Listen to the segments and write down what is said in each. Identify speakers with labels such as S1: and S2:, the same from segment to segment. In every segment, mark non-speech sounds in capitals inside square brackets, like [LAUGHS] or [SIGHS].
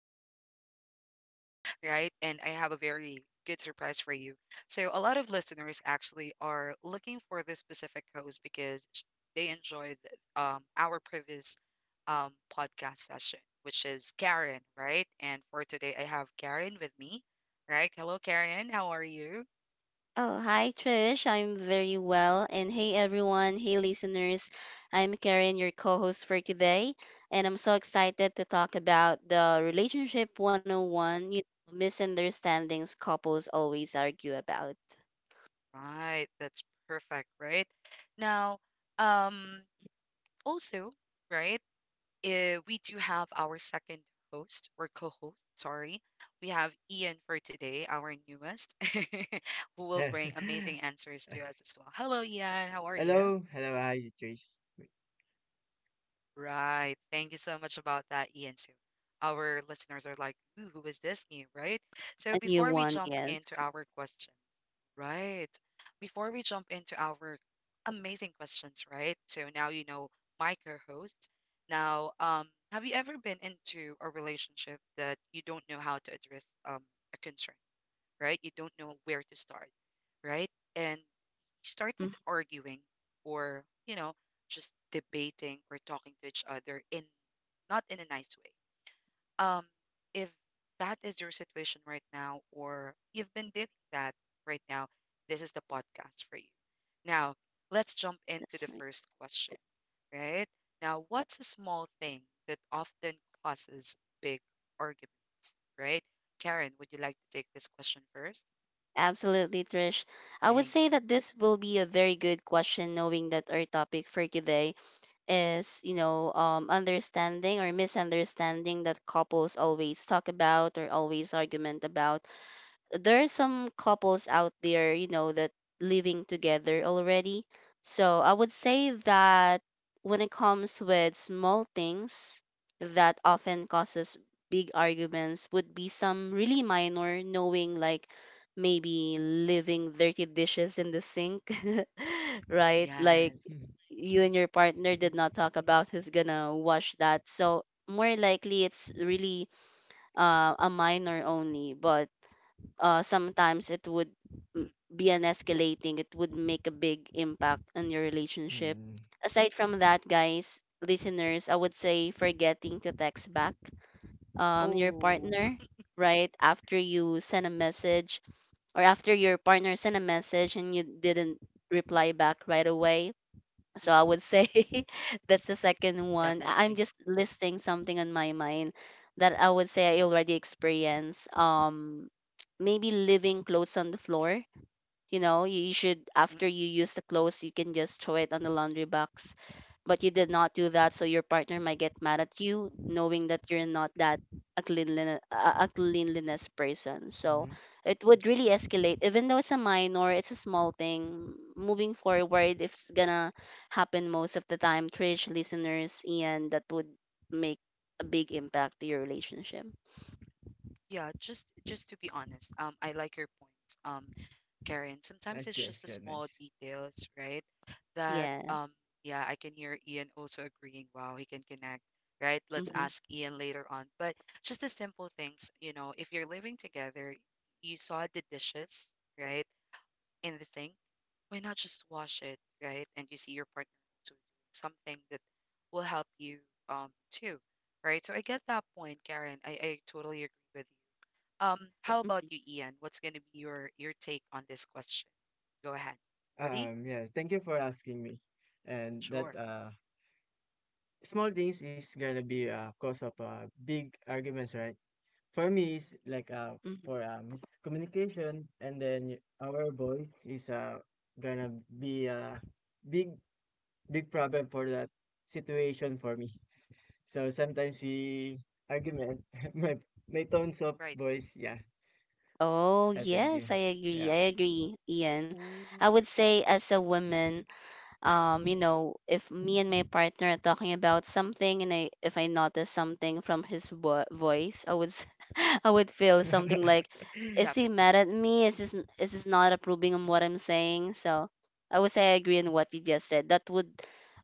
S1: again, [LAUGHS] right? And I have a very good surprise for you. So, a lot of listeners actually are looking for this specific host because they enjoyed our previous podcast session, which is Karen, right? And for today, I have Karen with me, right? Hello, Karen. How are you?
S2: Oh, hi Trish. I'm very well. And hey everyone, hey listeners. I'm Karen, your co-host for today, and I'm so excited to talk about the relationship 101, misunderstandings couples always argue about.
S1: Right. That's perfect, right? Now, um, also, right? We do have our second host or co-host, sorry. We have Ian for today, our newest, [LAUGHS] who will bring
S3: [LAUGHS]
S1: amazing answers to us as well. Hello, Ian. How are
S3: Hello,
S1: you?
S3: hello, hi, Trish.
S1: Right. Thank you so much about that, Ian. So our listeners are like, ooh, who is this new, right?
S2: A
S1: So
S2: new
S1: before we
S2: one,
S1: jump
S2: yes.
S1: into our question. Right. Before we jump into our amazing questions, right? So now you know my co-host. Now, have you ever been into a relationship that you don't know how to address a concern, right? You don't know where to start, right? And you
S2: Mhm.
S1: started arguing or, you know, just debating or talking to each other in not in a nice way, um if that is your situation right now or you've been dealing that right now, this is the podcast for you. Now let's jump into
S2: That's
S1: the
S2: right.
S1: first question. Right. Now, what's a small thing that often causes big arguments, right? Karen, would you like to take this question first?
S2: Absolutely, Trish. I would
S1: Thank
S2: say
S1: you.
S2: that this will be a very good question, knowing that our topic for today is understanding or misunderstanding that couples always talk about or always argument about. There are some couples out there, that living together already. So I would say that when it comes with small things that often causes big arguments would be some really minor, knowing like maybe leaving dirty dishes in the sink, [LAUGHS] right? Like
S1: Yes.
S2: you and your partner did not
S3: [LAUGHS]
S2: talk about who's gonna wash that. So more likely it's really a minor only, but sometimes it would m-
S1: Mm.
S2: be an escalating, it would make a big impact on your relationship.
S3: hmm
S2: Aside from that, guys, listeners, I would say forgetting to text back your
S1: Oh.
S2: partner, right? After you send a message or after your partner sent a message and you didn't reply back right away, so I
S1: Mm-mm.
S2: would say [LAUGHS] that's the second one. I'm
S1: Definitely.
S2: just listing something on my mind that I would say I already experienced. Maybe leaving clothes on the floor. You should,
S1: Mm-mm. Mm.
S2: after you use the clothes, you can just throw it on the laundry box. But you did not do that, so your partner might get mad at you, knowing that you're not that a cleanliness, a cleanliness person. So it would really escalate, even though it's a minor, it's a small thing. Moving forward, if it's gonna happen most of the time, Trish listeners, and that would make a big impact to your relationship.
S1: Yeah, just to be honest, I like your points. Karen. Sometimes
S3: Nice
S1: it's just the
S3: question,
S1: small
S3: nice.
S1: details, right? That
S2: Yeah.
S1: yeah, I can hear Ian also agreeing, wow, he can connect, right? Let's
S2: Mm-hmm.
S1: ask Ian later on. But just the simple things, you know, if you're living together, you saw the dishes, right, in the sink, why not just wash it, right? And you see your partner also doing something that will help you too. Right. So I get that point, Karen. I totally agree with you. How about
S2: Mm-hmm.
S1: you, Ian? What's going to be your take on this question? Go ahead. Ready?
S3: Yeah, thank you for asking me. And that
S1: Sure.
S3: small things is gonna be cause of big arguments, right? For me, it's
S2: Mm-hmm.
S3: for miscommunication, and then our voice is gonna be a big, big problem for that situation for me. So sometimes we argument, [LAUGHS] my my tones of
S1: Right.
S3: voice, yeah.
S2: Oh,
S3: Thank you.
S2: yes, I agree.
S3: Yeah.
S2: I agree, Ian.
S1: Ooh,
S2: I would say as a woman, if me and my partner are talking about something and I if I notice something from his vo voice, [LAUGHS] I would feel something like,
S3: [LAUGHS]
S2: is he
S1: definitely,
S2: mad at me? Is this not approving of what I'm saying? So I would say I agree on what you just said. That would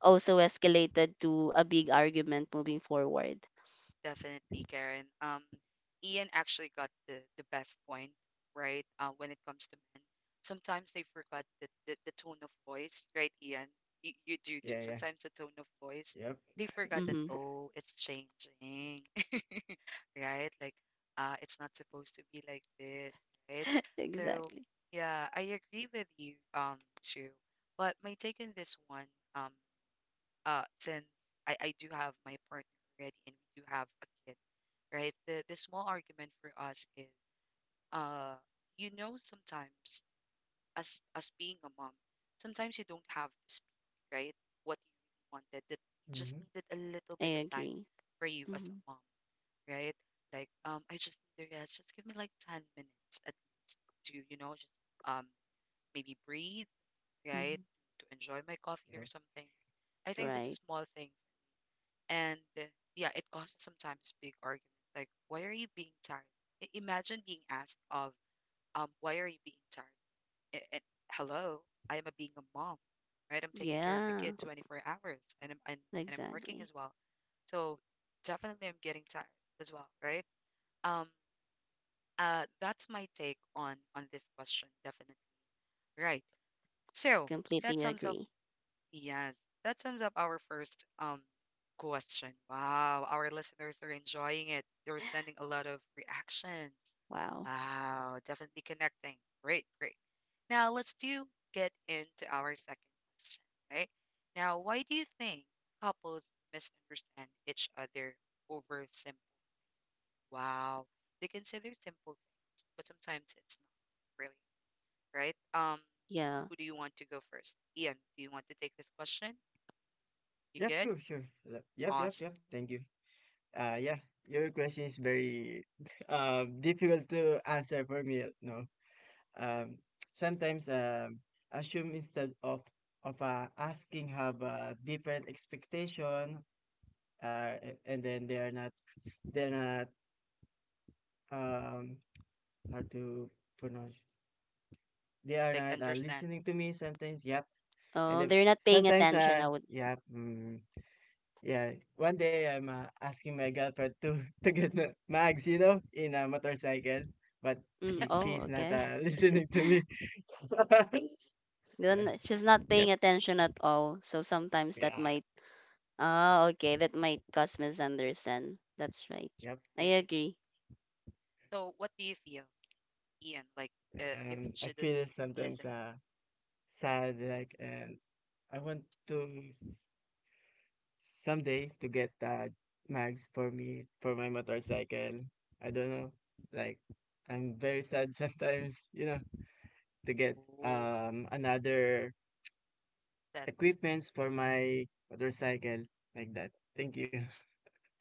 S2: also escalated to a big argument moving forward.
S1: definitely, Karen. Ian actually got the best point, right? When it comes to men, sometimes they forgot the tone of voice, right, Ian? You do too.
S3: Yeah, yeah.
S1: Sometimes the tone of voice,
S3: Yep.
S1: they forgot that.
S2: Mm-hmm.
S1: Oh, it's changing. [LAUGHS] Right? Like, it's not supposed to be like this, right?
S2: [LAUGHS]
S1: So,
S2: Exactly.
S1: yeah, I agree with you, True. But my take on this one, um, since I do have my partner already and we do have a kid, right? The small argument for us is, uh, you know, sometimes as being a mom, sometimes you don't have to speak, right? What you really wanted, that you just
S3: Mm-hmm.
S1: needed a little bit
S2: I
S1: of time
S2: agree.
S1: for you as
S2: Mm-hmm.
S1: a mom, right? Like, I just need to rest. Just give me like 10 minutes at, to, you know, just um, maybe breathe, right?
S2: Mm-hmm.
S1: To enjoy my coffee
S3: Yep.
S1: or something. I think that's
S2: Right.
S1: a small thing. And yeah, it causes sometimes big arguments. Like, why are you being tired? Imagine being asked of, why are you being tired? And hello, I am a being a mom, right? I'm taking care of the
S2: Yeah,
S1: kid 24 hours and and I'm working
S2: exactly.
S1: as well. So definitely I'm getting tired as well, right? Um, that's my take on this question, definitely. Right. So that
S2: Completely
S1: sums up.
S2: agree.
S1: Yes, that sums up our first question. Wow, our listeners are enjoying it. They're sending a lot of reactions.
S2: Wow.
S1: Wow, definitely connecting. Great, great. Now let's do get into our second question. Right. Now, why do you think couples misunderstand each other over? Wow. They consider simple things, but sometimes it's not really, right?
S2: Yeah.
S1: Who do you want to go first? Ian, do you want to take this question? You
S3: Yep,
S1: good?
S3: sure, sure. Yep, yep, yep,
S1: Awesome.
S3: yep, thank you. Yeah. Your question is very [LAUGHS] difficult to answer for me, no. Um Sometimes assume instead of asking, have a different expectation, and then they're not um hard to pronounce. They are
S1: Like,
S3: not
S1: understand
S3: listening to me sometimes. Yep, and
S2: Oh,
S3: then
S2: they're not paying
S3: sometimes
S2: attention.
S3: uh
S2: I would.
S3: yeah mm, yeah. One day I'm asking my girlfriend to [LAUGHS] to get the mags, you know, in a motorcycle, but
S2: Mm, oh,
S3: she's not
S2: okay.
S3: [LAUGHS]
S2: [LAUGHS]
S3: listening to me. [LAUGHS] Yeah.
S2: Then she's not paying
S3: Yep.
S2: attention at all. So sometimes that
S3: Yeah.
S2: might. Ah, okay. That might cause misunderstand. That's right.
S1: it,
S3: Yep.
S2: I
S1: right?
S2: agree.
S1: So what do you feel, Ian? Like, if she
S3: I
S1: doesn't
S3: feel
S1: listen,
S3: sometimes sad, like, and I want to, someday, to get a mags for me for my motorcycle. I don't know. Like, I'm very sad [LAUGHS] sometimes, you know, to get
S1: oh,
S3: another
S1: that
S3: equipments for my motorcycle like that. Thank you. [LAUGHS]
S2: S-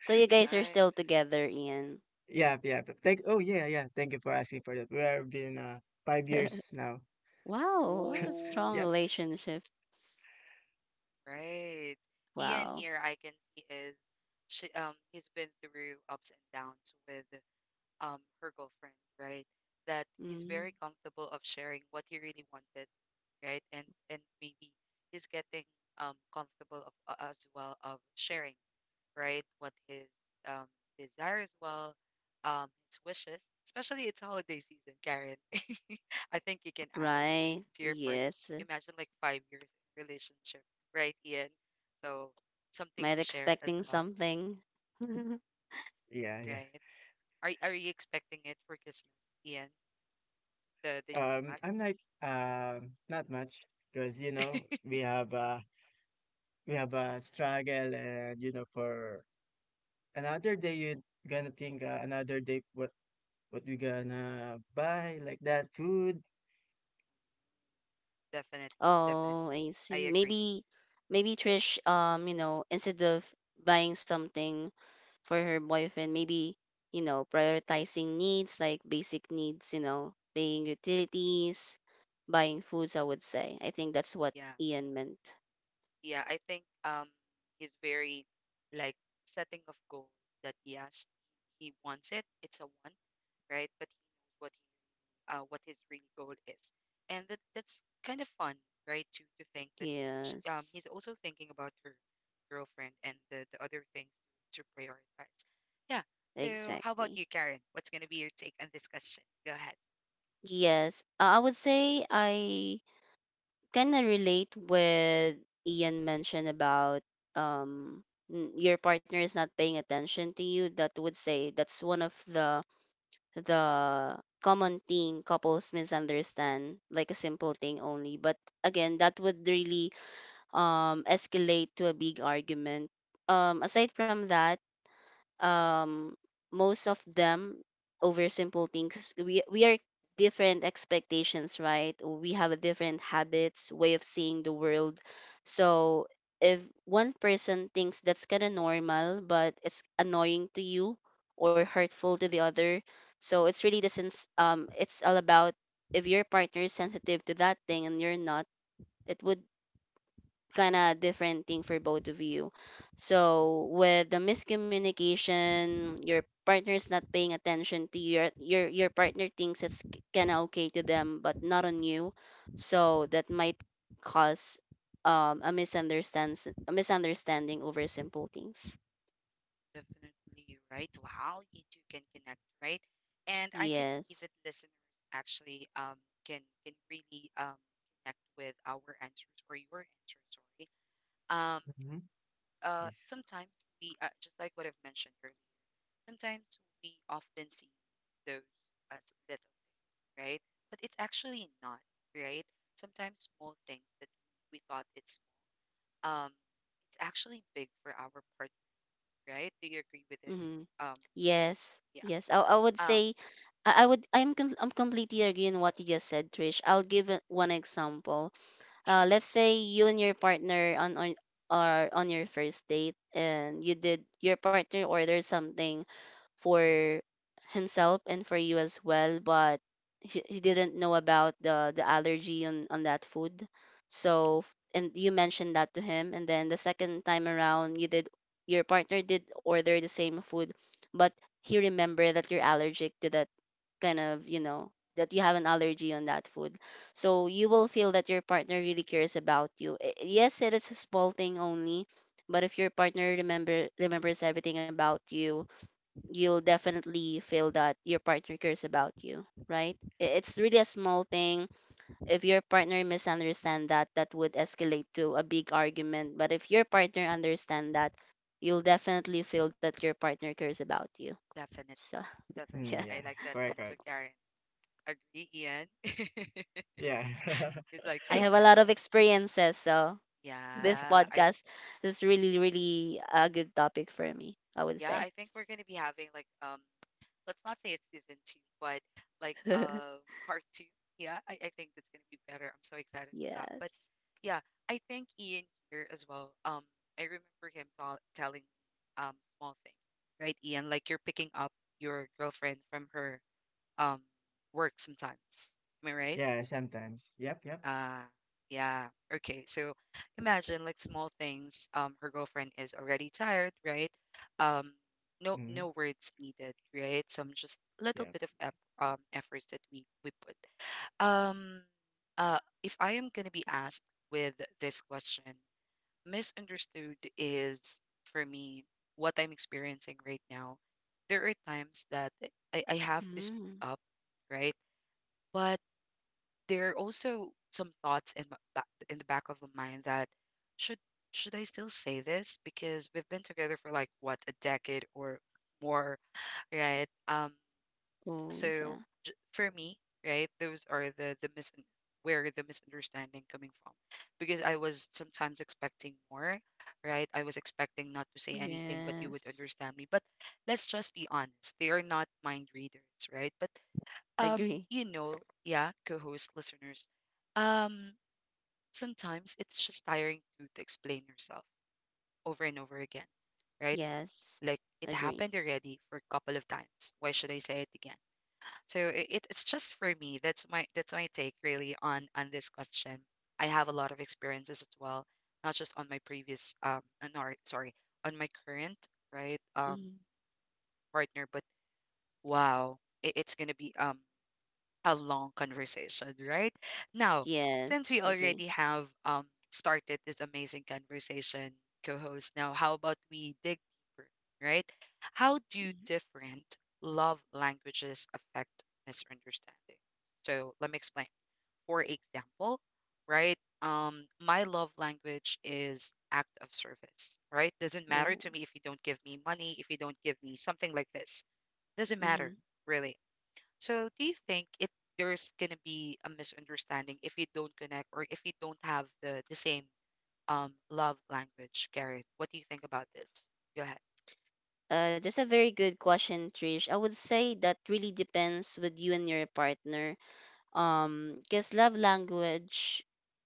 S2: So you guys are
S1: right?
S2: still together, Ian.
S3: Yeah, yeah. Thank, oh yeah, yeah. Thank you for asking for that. We have been 5 years now.
S2: [LAUGHS] Wow, what a strong
S1: Oh,
S3: Yep.
S2: relationship.
S1: right. Ian
S2: Wow.
S1: here, I can see is she he's been through ups and downs with her girlfriend, right? That he's
S2: Mm,
S1: very comfortable of sharing what he really wanted, right? And maybe he's getting comfortable of as well of sharing, right? What his um desire as well, his wishes, especially it's holiday season, Karen. [LAUGHS] I think you can ask that
S2: right.
S1: to your partner.
S2: Yes.
S1: Imagine like 5 years in relationship, right, Ian? So something
S2: Might
S1: to share as
S2: expecting
S1: well,
S2: something. [LAUGHS]
S3: Yeah, yeah.
S1: right? Are you expecting it for Christmas, Ian? The new mug.
S3: I'm like not much because you know we
S1: [LAUGHS]
S3: have a struggle and you know for another day. You gonna think, another day what we gonna buy like that food.
S1: Definitely, definitely.
S2: Oh, I
S1: I
S2: see.
S1: agree.
S2: Maybe, Trish, instead of buying something for her boyfriend, maybe, prioritizing needs like basic needs, paying utilities, buying foods, I would say. I think that's what
S1: Yeah.
S2: Ian meant.
S1: Yeah, I think he's very like setting of goals that yes, he wants it. It's a want, right? But he knows what his really goal is. And that's kind of fun, right? To think that sh
S2: Yes,
S1: he's also thinking about her girlfriend and the other things to prioritize. Yeah. So how about
S2: exactly.
S1: you, Karen? What's gonna be your take on this question? Go ahead.
S2: Yes, I would say I kind of relate with Ian mentioned about um your partner is not paying attention to you. That would say that's one of the the common thing couples misunderstand, like a simple thing only. But again, that would really escalate to a big argument. Aside from that, um most of them, over simple things, we are different expectations. Right, we have a different habits way of seeing the world. So if one person thinks that's kind of normal but it's annoying to you or hurtful to the other, so it's really the sense, it's all about, if your partner is sensitive to that thing and you're not, it would kind of different thing for both of you. So with the miscommunication, your partner is not paying attention to you. Your partner thinks it's kind of okay to them, but not on you. So that might cause a misunderstands a misunderstanding over simple things.
S1: Definitely right. Wow, you two can connect, right? And I can see
S2: Yes.
S1: that listeners actually can really connect with our answers or your answers, sorry. Um
S3: Mm-hmm. Yes.
S1: sometimes we just like what I've mentioned earlier, sometimes we often see those as little, right? But it's actually not, right? Sometimes small things that we thought um it's actually big for our part, right? Do you agree with this?
S2: Mm-hmm.
S1: Um
S2: Yes.
S1: yeah.
S2: Yes. I would
S1: Um
S2: say I'm completely agreeing what you just said, Trish. I'll give one example,
S1: Sure.
S2: let's say you and your partner on are on your first date and your partner ordered something for himself and for you as well, but he didn't know about the allergy on that food. So and you mentioned that to him, and then the second time around, your partner did order the same food, but he remembered that you're allergic to that kind of, that you have an allergy on that food. So you will feel that your partner really cares about you. Yes, it is a small thing only, but if your partner remembers everything about you, you'll definitely feel that your partner cares about you, right? It's really a small thing. If your partner misunderstand that, that would escalate to a big argument. But if your partner understand that, you'll definitely feel that your partner cares about you.
S1: Definitely,
S2: So, [LAUGHS] yeah.
S3: Mm,
S1: definitely.
S3: yeah,
S1: I like that
S3: correct,
S1: answer,
S3: correct.
S1: Karen. Agree, Ian. [LAUGHS]
S3: Yeah,
S1: It's like
S2: I
S1: saying,
S2: have a
S1: yeah,
S2: lot of experiences, so this
S1: yeah,
S3: [LAUGHS]
S2: podcast is really, really a good topic for me, I would
S1: yeah,
S2: say.
S1: I think
S2: [LAUGHS]
S1: we're gonna be having like, let's not say it's season two, but like, part two. Yeah, I think that's gonna be better. I'm so excited for that. But
S2: Yes.
S1: yeah, I think Ian here as well. I remember him telling me, small things, right, Ian? Like you're picking up your girlfriend from her, um, work sometimes. Am I right?
S3: yeah. Sometimes. Yep, yep.
S1: Uh, yeah. Okay. So imagine like small things. Her girlfriend is already tired, right? Um, no,
S3: Mm-hmm.
S1: no words needed, right? Some just little
S3: Yep.
S1: bit of ep efforts that we put. Um, if I am gonna be asked with this question, misunderstood is for me what I'm experiencing right now. There are times that I have to speak
S2: Mm.
S1: up, right? But there are also some thoughts in my back, in the back of my mind that should should I still say this because we've been together for like what, a decade or more, right?
S2: Oh, yes, yeah.
S1: So for me, right, those are the mis where the misunderstanding coming from because I was sometimes expecting more, right? I was expecting not to say anything, but you would
S2: Yes.
S1: understand me. But let's just be honest, they are not mind readers, right? But
S2: Agree.
S1: you know, yeah, co-host listeners. Um, sometimes it's just tiring to explain yourself over and over again, right?
S2: Yes.
S1: Like it
S2: Agree.
S1: happened already for a couple of times. Why should I say it again? So it's just for me. That's my take really on this question. I have a lot of experiences as well, not just on my previous no, sorry, on my current, right,
S2: Mhm.
S1: partner, but wow, it's gonna be a long conversation, right? Now, since we
S2: Yes.
S1: already
S2: Agree.
S1: have started this amazing conversation, co host, now how about we dig deeper, right? How do
S2: Mhm.
S1: different love languages affect misunderstanding? So let me explain. For example, right? My love language is act of service, right? Doesn't matter
S2: Oh.
S1: to me if you don't give me money, if you don't give me something like this. Doesn't matter,
S2: Mhm.
S1: really. So do you think it there's gonna be a misunderstanding if you don't connect or if you don't have the same love language, Karen? What do you think about this? Go ahead.
S2: That's a very good question, Trish. I would say that really depends with you and your partner. Because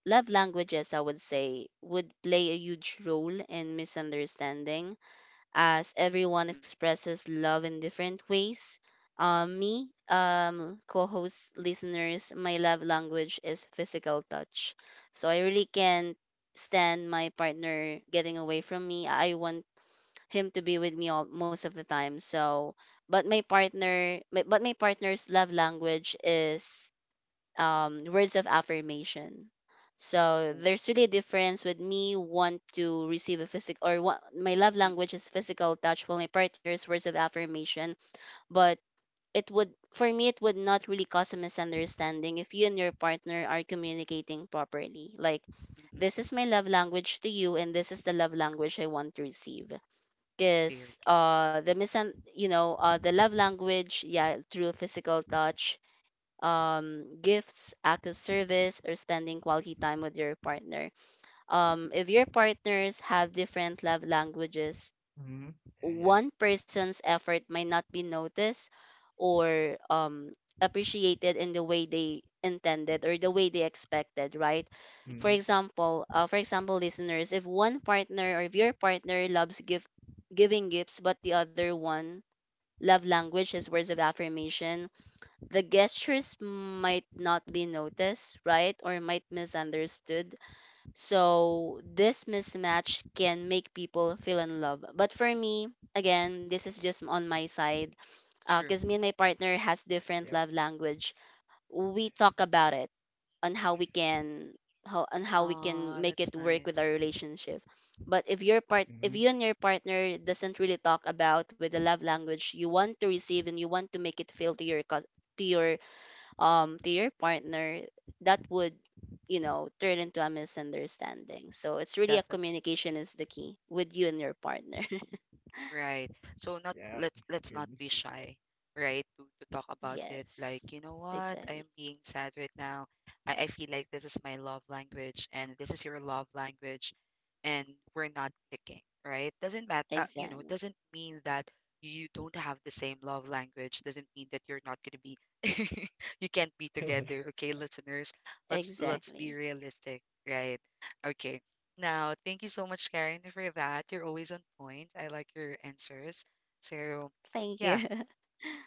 S2: love languages, I would say, would play a huge role in misunderstanding, as everyone
S1: Mm-mm.
S2: expresses love in different ways. Me, co host listeners, my love language is physical touch. So I really can't stand my partner getting away from me. I want him to be with me most of the time. So, but my partner's love language is words of affirmation. So
S1: Oh,
S2: there's really a difference, with me want to receive a physical, or what my love
S1: mm-mm,
S2: language is physical touch, while my partner's words of affirmation. But it would for me it would not really cause a misunderstanding if you and your partner are communicating properly. Like, this
S1: mm-mm.
S2: is my love language to you, and this is the love language I want to receive.
S1: Very.
S2: Because the misun you know, the love language, yeah, through physical touch, gifts, act of service, or spending quality time with your partner.
S1: Mm-mm,
S2: If your partners have different love languages,
S3: Mm-hmm. Yeah, yeah.
S2: one person's effort might not be noticed or appreciated in the way they intended or the way they expected, right? For
S1: mm-mm.
S3: Mm-hmm.
S2: example, listeners, if one partner or if your partner loves giving gifts, but the other one love language is words of affirmation, the gestures might not be noticed, right? Or might misunderstood. So this mismatch can make people feel in love. But for me, again, this is just on my side. Cause me
S1: True.
S2: and my partner has different
S3: Yep.
S2: love language. We talk about it on how we can on how we can
S1: Ah,
S2: make
S1: that's
S2: it work with our
S1: nice.
S2: relationship. But if
S3: Mm-hmm.
S2: you and your partner doesn't really talk about with the love language you want to receive, and you want to make it feel to your to your to your partner, that would, turn into a misunderstanding. So it's really a
S1: Mm-mm.
S2: communication is the key with you and your partner. [LAUGHS]
S1: Right. So not
S3: Yep.
S1: let's let's not
S3: Good.
S1: be shy, right? To talk about it.
S2: Yes,
S1: Like, you know what? I
S2: exactly,
S1: am being sad right now. I feel like this is my love language and this is your love language and we're not clicking, right? Doesn't matter, you know,
S2: exactly,
S1: doesn't mean that you don't have the same love language. Doesn't mean that you're not gonna be [LAUGHS] you can't be together,
S3: [LAUGHS]
S1: okay, listeners? Let's
S2: exactly.
S1: be realistic, right? Okay. Now, thank you so much, Karen, for that. You're always on point. I like your answers. So,
S2: Thank you.
S1: yeah, of
S2: [LAUGHS]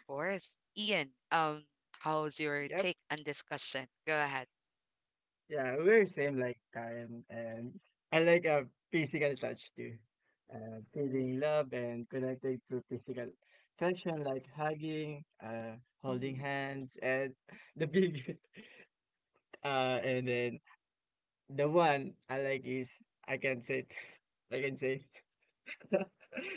S1: course. Ian, how's your
S3: Yep.
S1: take on discussion? Go ahead.
S3: Yeah, we're same like time, and I like a physical touch too.
S1: Ooh,
S3: Feeling love and connecting through physical affection, like hugging, holding
S2: Mhm.
S3: hands, and [LAUGHS] the big [LAUGHS] uh and then the one I like is I can say it. I can say [LAUGHS]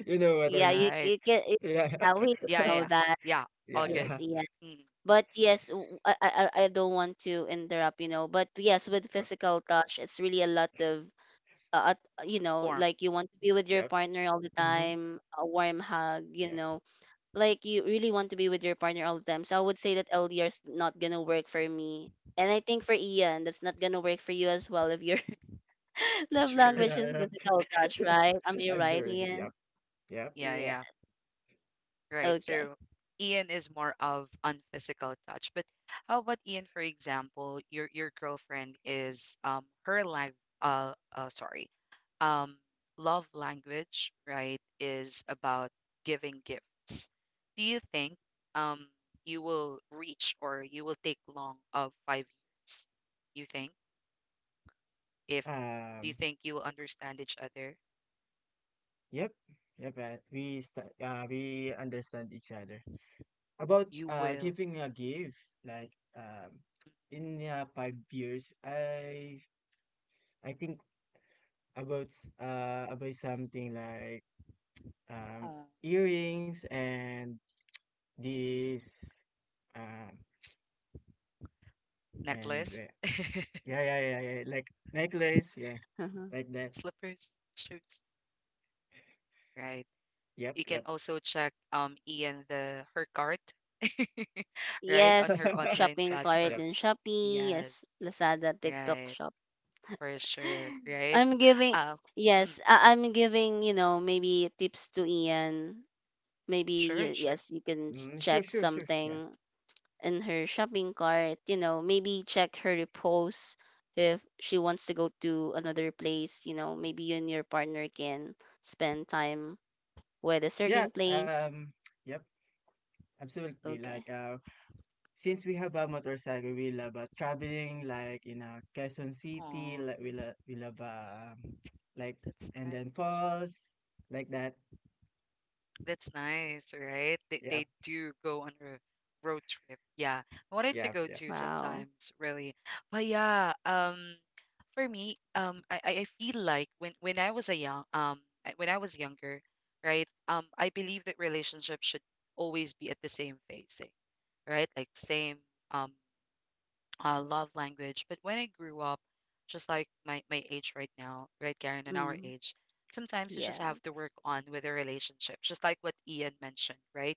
S3: you know what I
S2: Yeah,
S3: mean.
S2: you
S1: right.
S2: you can it,
S3: Yeah.
S2: yeah,
S3: [LAUGHS]
S2: we
S1: Yeah, yeah,
S2: know
S1: yeah.
S2: that.
S1: Yeah,
S3: Yeah,
S1: all good.
S2: Yes,
S3: yeah.
S2: yeah.
S1: Mm,
S2: But yes, I don't want to interrupt, but yes, with
S3: Yep.
S2: physical touch, it's really a lot of, at you know
S1: form.
S2: like you want to be with your
S3: Yep.
S2: partner all the
S3: Mm-hmm.
S2: time, a warm hug,
S3: Yeah.
S2: like you really want to be with your partner all the time. So I would say that LDR is not gonna work for me, and I think for Ian, that's not gonna work for you as well if your [LAUGHS] love
S3: [LAUGHS]
S1: True.
S2: language is
S3: Yeah,
S2: physical touch,
S3: yeah. [LAUGHS]
S2: right? Am I
S3: I'm
S2: right,
S3: sorry. Yep.
S2: Ian?
S3: Yep.
S1: Yeah,
S2: Yeah,
S1: yeah. Right.
S2: okay,
S1: So Ian is more of on physical touch. But how about Ian, for example, your girlfriend is her life uh, uh sorry, um love language, right, is about giving gifts. Do you think um you will reach or you will take long of 5 years? You think? If Do you
S3: Um
S1: think you will understand each other?
S3: Yep, yep. We understand each other. About
S1: You will.
S3: giving a gift, like in 5 years, I think about something like um
S1: Oh,
S3: earrings and this, um and
S1: necklace,
S3: yeah, yeah, yeah, yeah, like necklace, yeah,
S2: uh-huh.
S3: like that.
S1: slippers, shoes, right?
S3: Yep,
S1: You can
S3: yep,
S1: also check Ian the her cart, [LAUGHS] right, on
S2: Yes,
S1: her
S3: [LAUGHS]
S1: online
S2: shopping cart
S1: platform.
S3: yep.
S2: and Shopee. Yes,
S1: Yes,
S2: Lazada, TikTok
S1: right,
S2: Shop.
S1: for sure,
S2: [LAUGHS]
S1: right.
S2: I'm giving
S1: Um, mm,
S2: Yes, I'm giving, maybe tips to Ian. Maybe,
S1: sure, sure.
S2: yes, you can
S3: Mm, sure,
S2: check
S3: sure, sure. Yeah,
S2: something in her shopping cart. Maybe check her repose. If she wants to go to another place, maybe you and your partner can spend time with a
S3: yeah.
S2: certain place.
S3: Yep. Absolutely.
S2: Okay.
S3: Since we have a motorcycle, we love traveling, like in Quezon City,
S1: Oh,
S3: like we love [TSK] like,
S1: that's
S3: and then
S1: nice.
S3: falls, like that.
S1: That's nice, right? They,
S3: Yep,
S1: they do go on a road trip. Yeah. I wanted to
S3: yep,
S1: go
S3: yep.
S1: too
S2: Wow.
S1: sometimes, really. But yeah, for me, I feel like when I was a young when I was younger, right? I believe that relationships should always be at the same phasing, right? Like same um love language. But when I grew up, just like my age right now, right, Karen, and our
S2: Mm.
S1: age, sometimes you just
S2: Yeah.
S1: have to work on with a relationship, just like what Ian mentioned, right?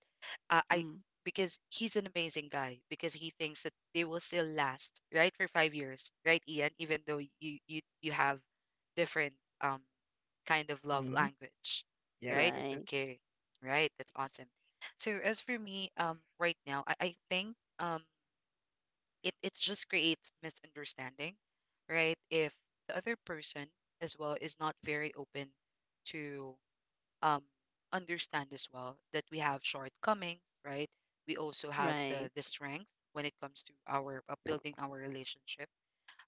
S1: I
S2: Mm.
S1: Because he's an amazing guy because he thinks that they will still last, right, for 5 years, right, Ian, even though you have different um kind of love
S3: Mm-hmm.
S1: language,
S3: Yep,
S1: right?
S3: yep,
S2: Right,
S1: Okay, right, that's awesome. So as for me, right now, I think it just creates misunderstanding, right? If the other person as well is not very open to um understand as well that we have shortcomings, right? We also have
S2: right.
S1: the strength when it comes to our building our relationship,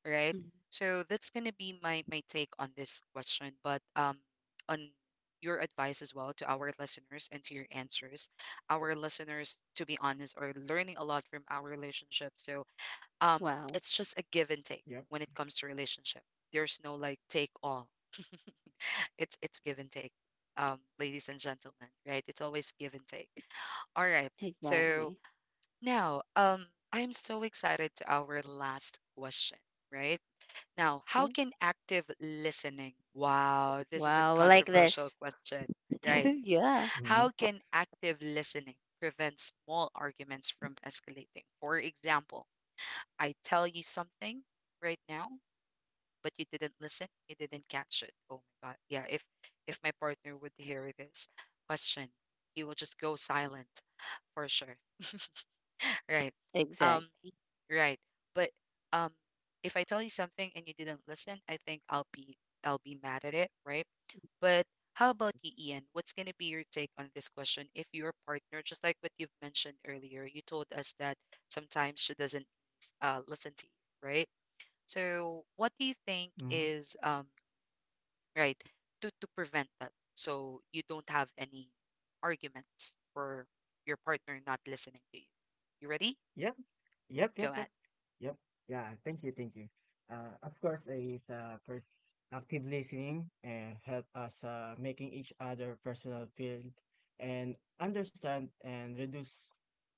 S1: right?
S2: Mm.
S1: So that's gonna be my take on this question, but on your advice as well to our listeners and to your answers. Our listeners, to be honest, are learning a lot from our relationship. So um
S2: Wow,
S1: it's just a give and take
S3: yep.
S1: when it comes to relationship. There's no like take all. [LAUGHS] It's give and take, um, ladies and gentlemen, right? It's always give and take. All right.
S2: exactly.
S1: So now, um, I am so excited to our last question, right? Now,
S2: Yeah.
S1: how can active listening, wow, this is a
S2: Wow, I like
S1: controversial
S2: this.
S1: question,
S2: [LAUGHS]
S1: right?
S2: Yeah,
S3: Mm-hmm.
S1: How can active listening prevent small arguments from escalating? For example, I tell you something right now, but you didn't listen, you didn't catch it. Oh my God. Yeah, if my partner would hear this question, he will just go silent for sure. Right. Um,
S2: exactly.
S1: right. But um, if I tell you something and you didn't listen, I think I'll be mad at it, right? But how about you, Ian? What's going to be your take on this question? If your partner, just like what you've mentioned earlier, you told us that sometimes she doesn't listen to you, right? So, what do you think
S3: Mm-hmm.
S1: is right to prevent that so you don't have any arguments for your partner not listening to you? You ready?
S3: Yep, yep,
S1: Go
S3: yep,
S1: ahead.
S3: yep. Yep. Yeah. Thank you. Thank you. Of course, active listening and help us making each other personal feel and understand and reduce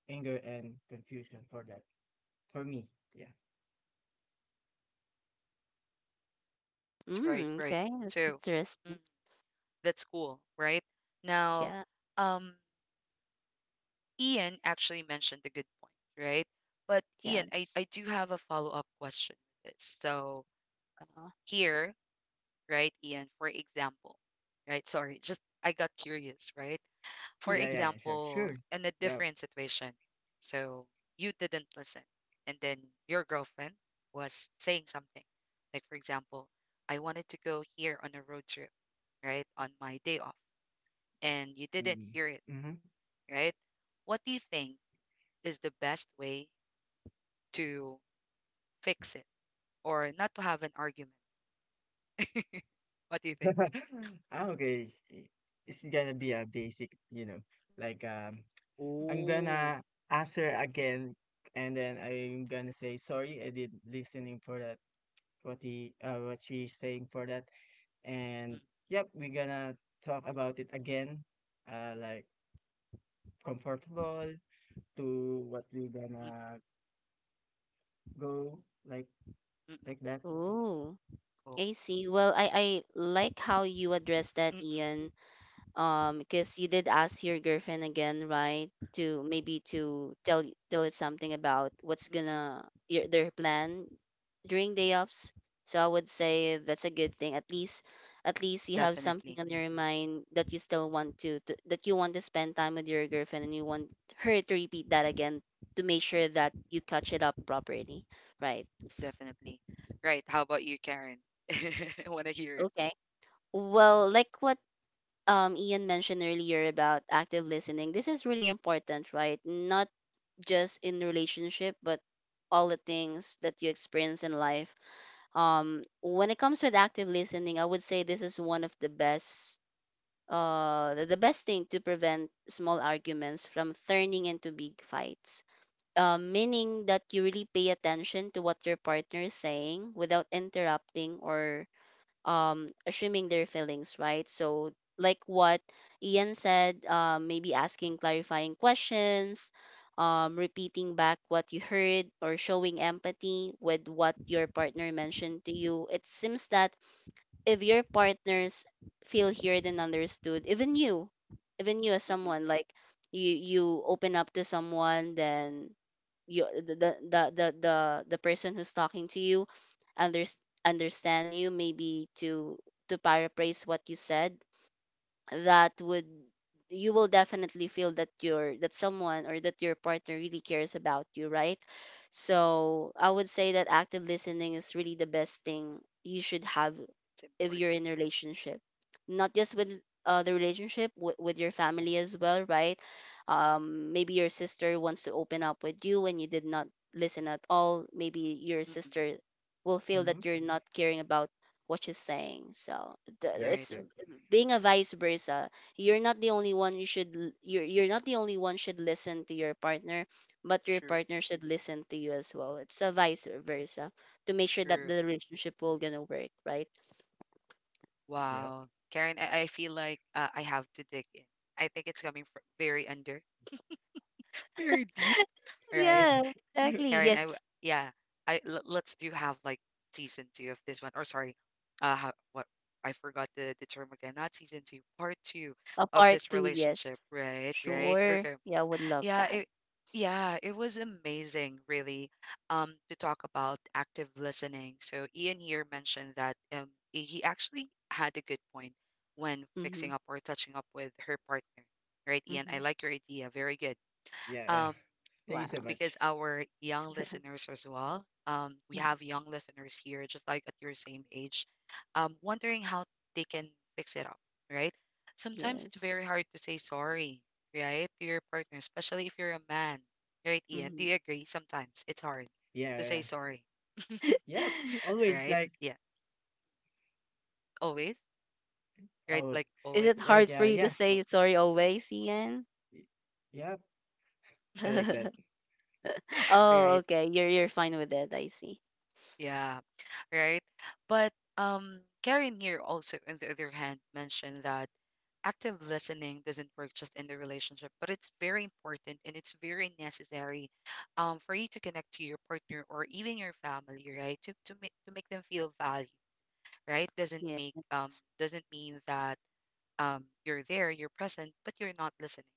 S3: anger and confusion for that. For me, yeah.
S1: Right,
S2: Mm,
S1: right, right.
S2: okay, that's
S1: So,
S2: interesting.
S1: mm, that's cool, right? Now,
S2: Yeah.
S1: um, Ian actually mentioned a good point, right? But Ian, I
S2: Yes.
S1: I do have a follow-up question with this. So,
S2: Wow.
S1: here, right, Ian, for example, right? Sorry, just I got curious, right? For
S3: Yeah,
S2: Mhm.
S3: yeah, sure,
S1: example,
S3: sure.
S1: in a
S3: Yeah.
S1: different situation. So you didn't listen. And then your girlfriend was saying something. Like, for example, I wanted to go here on a road trip, right? On my day off. And you didn't
S3: Mm,
S1: hear it,
S3: mhm.
S1: right? What do you think is the best way to fix it or not to have an argument? What do you think?
S3: [LAUGHS] Ah, okay. It's gonna
S1: Mm.
S3: be a basic, you know, like um, I'm
S1: Oh.
S3: gonna ask her again, and then I'm gonna say sorry. I did listening for that. What she's saying for that,
S1: Mm,
S3: and yep, we're gonna talk about it again. Like, comfortable to what we're
S1: mm,
S3: gonna go, like
S1: mm, mm, mm.
S3: like that.
S2: Oh,
S1: Oh,
S2: I see. Well, I like how you addressed
S1: mm,
S2: that,
S1: mm,
S2: Ian. Because you did ask your girlfriend again, right? To maybe to tell tell us something about what's
S1: mm, mm,
S2: gonna your their plan during day offs. So I would say that's a good thing. At least you have something
S1: definitely.
S2: on your mind that you still want to that you want to spend time with your girlfriend, and you want her to repeat that again to make sure that you catch it up properly, right?
S1: Definitely. Right. How about you, Karen? [LAUGHS] I want to hear it.
S2: Okay. Well, like what Ian mentioned earlier about active listening, this is really important, right? Not just in relationship, but all the things that you experience in life. When it comes with active listening, I would say this is one of the best thing to prevent small arguments from turning into big fights. Meaning that you really pay attention to what your partner is saying, without interrupting or assuming their feelings, right? So like what Ian said, maybe asking clarifying questions, repeating back what you heard, or showing empathy with what your partner mentioned to you. It seems that if your partners feel heard and understood, even you as
S1: Mm-mm.
S2: someone like, you open up to someone, then you the person who's talking to you under, understand you, maybe to paraphrase what you said, that would you will definitely feel that you're that someone, or that your partner really cares about you, right? So I would say that active listening is really the best thing you should have
S1: It's
S2: if
S1: important.
S2: you're in a relationship, not just with, the relationship, with your family as well, right? Maybe your sister wants to open up with you and you did not listen at all, maybe your
S1: Mm-mm.
S2: sister will feel
S3: Mm-hmm.
S2: that you're not caring about what she's saying. So
S3: Yep,
S1: Right.
S2: it's
S3: yep,
S2: being a vice versa. You're not the only one should listen to your partner, but your
S1: True.
S2: partner should listen to you as well. It's a vice versa, to make sure
S1: True.
S2: that the relationship will gonna work, right?
S3: yep.
S1: Wow. Karen, I feel like I have to dig in. I think it's coming from very under, [LAUGHS] very deep,
S2: [LAUGHS]
S1: right?
S2: Yeah,
S3: [LAUGHS]
S2: exactly.
S1: Karen,
S2: Yes,
S1: yeah, let's do have like season two of this one. Or sorry, uh, how, what, I forgot the term again. Not season two, part two
S2: a
S1: of
S2: part
S1: this
S2: two.
S1: relationship,
S2: Yes,
S1: right? Right?
S2: sure.
S1: Okay.
S2: Yeah, would love
S1: Yeah,
S2: that.
S1: it yeah, it was amazing really to talk about active listening. So Ian here mentioned that he actually had a good point when
S2: Mm-hmm.
S1: fixing up or touching up with her partner. Right, Ian? I
S2: Mm-hmm.
S1: like your idea. Very good.
S3: Yeah, yeah.
S1: Um,
S3: Thank you so
S2: Wow.
S3: much.
S1: because our young listeners as well, we
S2: Mhm.
S1: have young listeners here, just like at your same age, wondering how they can fix it up, right? Sometimes it's very
S2: Yes.
S1: hard to say sorry, right, to your partner, especially if you're a man, right, Ian? Do
S2: Mm-hmm.
S1: you agree? Sometimes it's hard
S3: Yeah,
S1: to
S3: yeah.
S1: say sorry,
S3: Yeah. Yep,
S2: [LAUGHS]
S3: always
S1: right?
S3: like,
S1: Yeah, always, right?
S3: oh,
S1: Like
S2: Is
S1: always,
S2: it hard for you to
S3: yeah.
S2: say sorry always, Ian?
S3: Y- Yeah, I like that.
S2: [LAUGHS] Oh,
S1: right?
S2: okay. You're fine with it. I see.
S1: Yeah, right. But Karen here also, on the other hand, mentioned that active listening doesn't work just in the relationship, but it's very important and it's very necessary for you to connect to your partner or even your family, right? To make them feel valued, right? Doesn't
S2: Yeah.
S1: make doesn't mean that you're there, you're present, but you're not listening,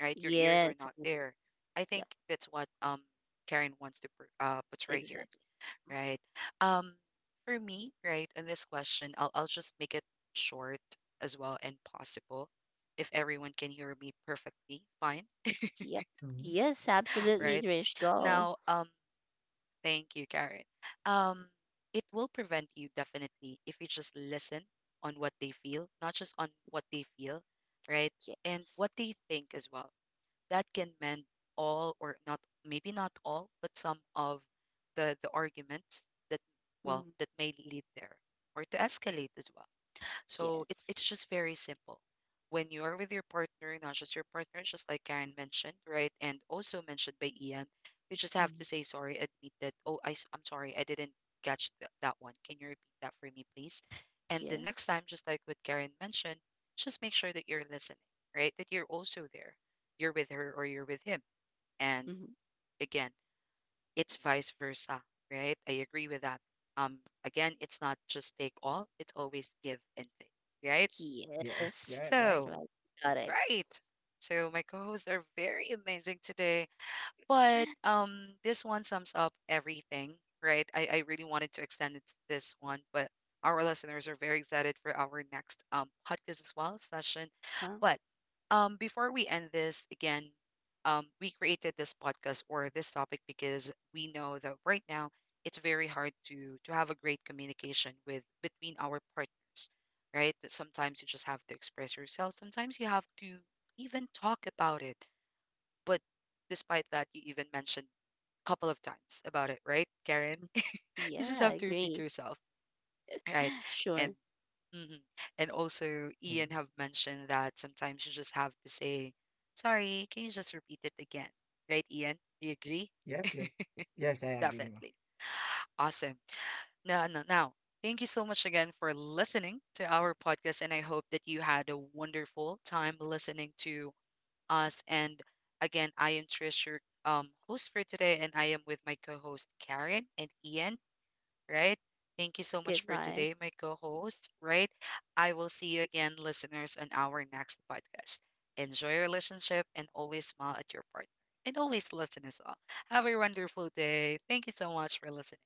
S1: right? Your ears are
S2: Yes.
S1: not there. I think
S2: Yep.
S1: that's what Karen wants to portray here.
S2: Exactly.
S1: Right. Um, for me, right, on this question, I'll just make it short as well and possible. If everyone can hear me perfectly, fine.
S2: Yep.
S1: [LAUGHS]
S3: hmm
S1: Right.
S2: Yes.
S3: Yep.
S2: Absolutely,
S1: Now,
S2: Trish. Go.
S1: thank you, Karen. Um, it will prevent you definitely if you just listen on what they feel, not just on what they feel, right? And
S2: Yes.
S1: what they think as well that can mend all or not, maybe not all but some of the arguments that well
S2: Hmm.
S1: that may lead there or to escalate as well. So it,
S2: Yes.
S1: it's just very simple. When you're with your partner, not just your partner, just like Karen mentioned, right? And also mentioned by Ian, you just have to
S2: Hmm.
S1: say sorry, admit that, oh, I am sorry, I didn't catch that one. Can you repeat that for me, please? And the next
S2: Yes.
S1: time, just like what Karen mentioned, just make sure that you're listening, right? That you're also there. You're with her or you're with him. And
S2: Mhm.
S1: again, it's vice versa, right? I agree with that. Um, again, it's not just take all, it's always give and take, right?
S3: Yes,
S2: Yes,
S3: yeah, right.
S2: that's
S1: So,
S2: right. Got it.
S1: right. So, my co hosts are very amazing today. But this one sums up everything, right? I really wanted to extend it to this one, but our listeners are very excited for our next podcast as well session.
S2: Well,
S1: But before we end this again, we created this podcast or this topic because we know that right now it's very hard to have a great communication with between our partners, right? That sometimes you just have to express yourself. Sometimes you have to even talk about it, but despite that, you even mentioned a couple of times about it, right, Karen?
S2: mm,
S1: [LAUGHS] You just
S2: yeah, I
S1: have to repeat
S2: agree. [GASPS]
S1: yourself, right?
S2: [SIGHS] Sure.
S1: And mhm. And also
S3: Mm.
S1: Ian have mentioned that sometimes you just have to say, "Sorry, can you just repeat it again?" Right, Ian? Do you agree?
S3: Yep, yep. Yes, I agree.
S1: Definitely. Awesome. Now, now, now, thank you so much again for listening to our podcast, and I hope that you had a wonderful time listening to us. And again, I am Trish, your host for today, and I am with my co host Karen and Ian, right? Thank you so much for
S2: Goodbye.
S1: today, my co host, right? I will see you again, listeners, on our next podcast. Enjoy your relationship and always smile at your partner. And always listen as well. Have a wonderful day. Thank you so much for listening.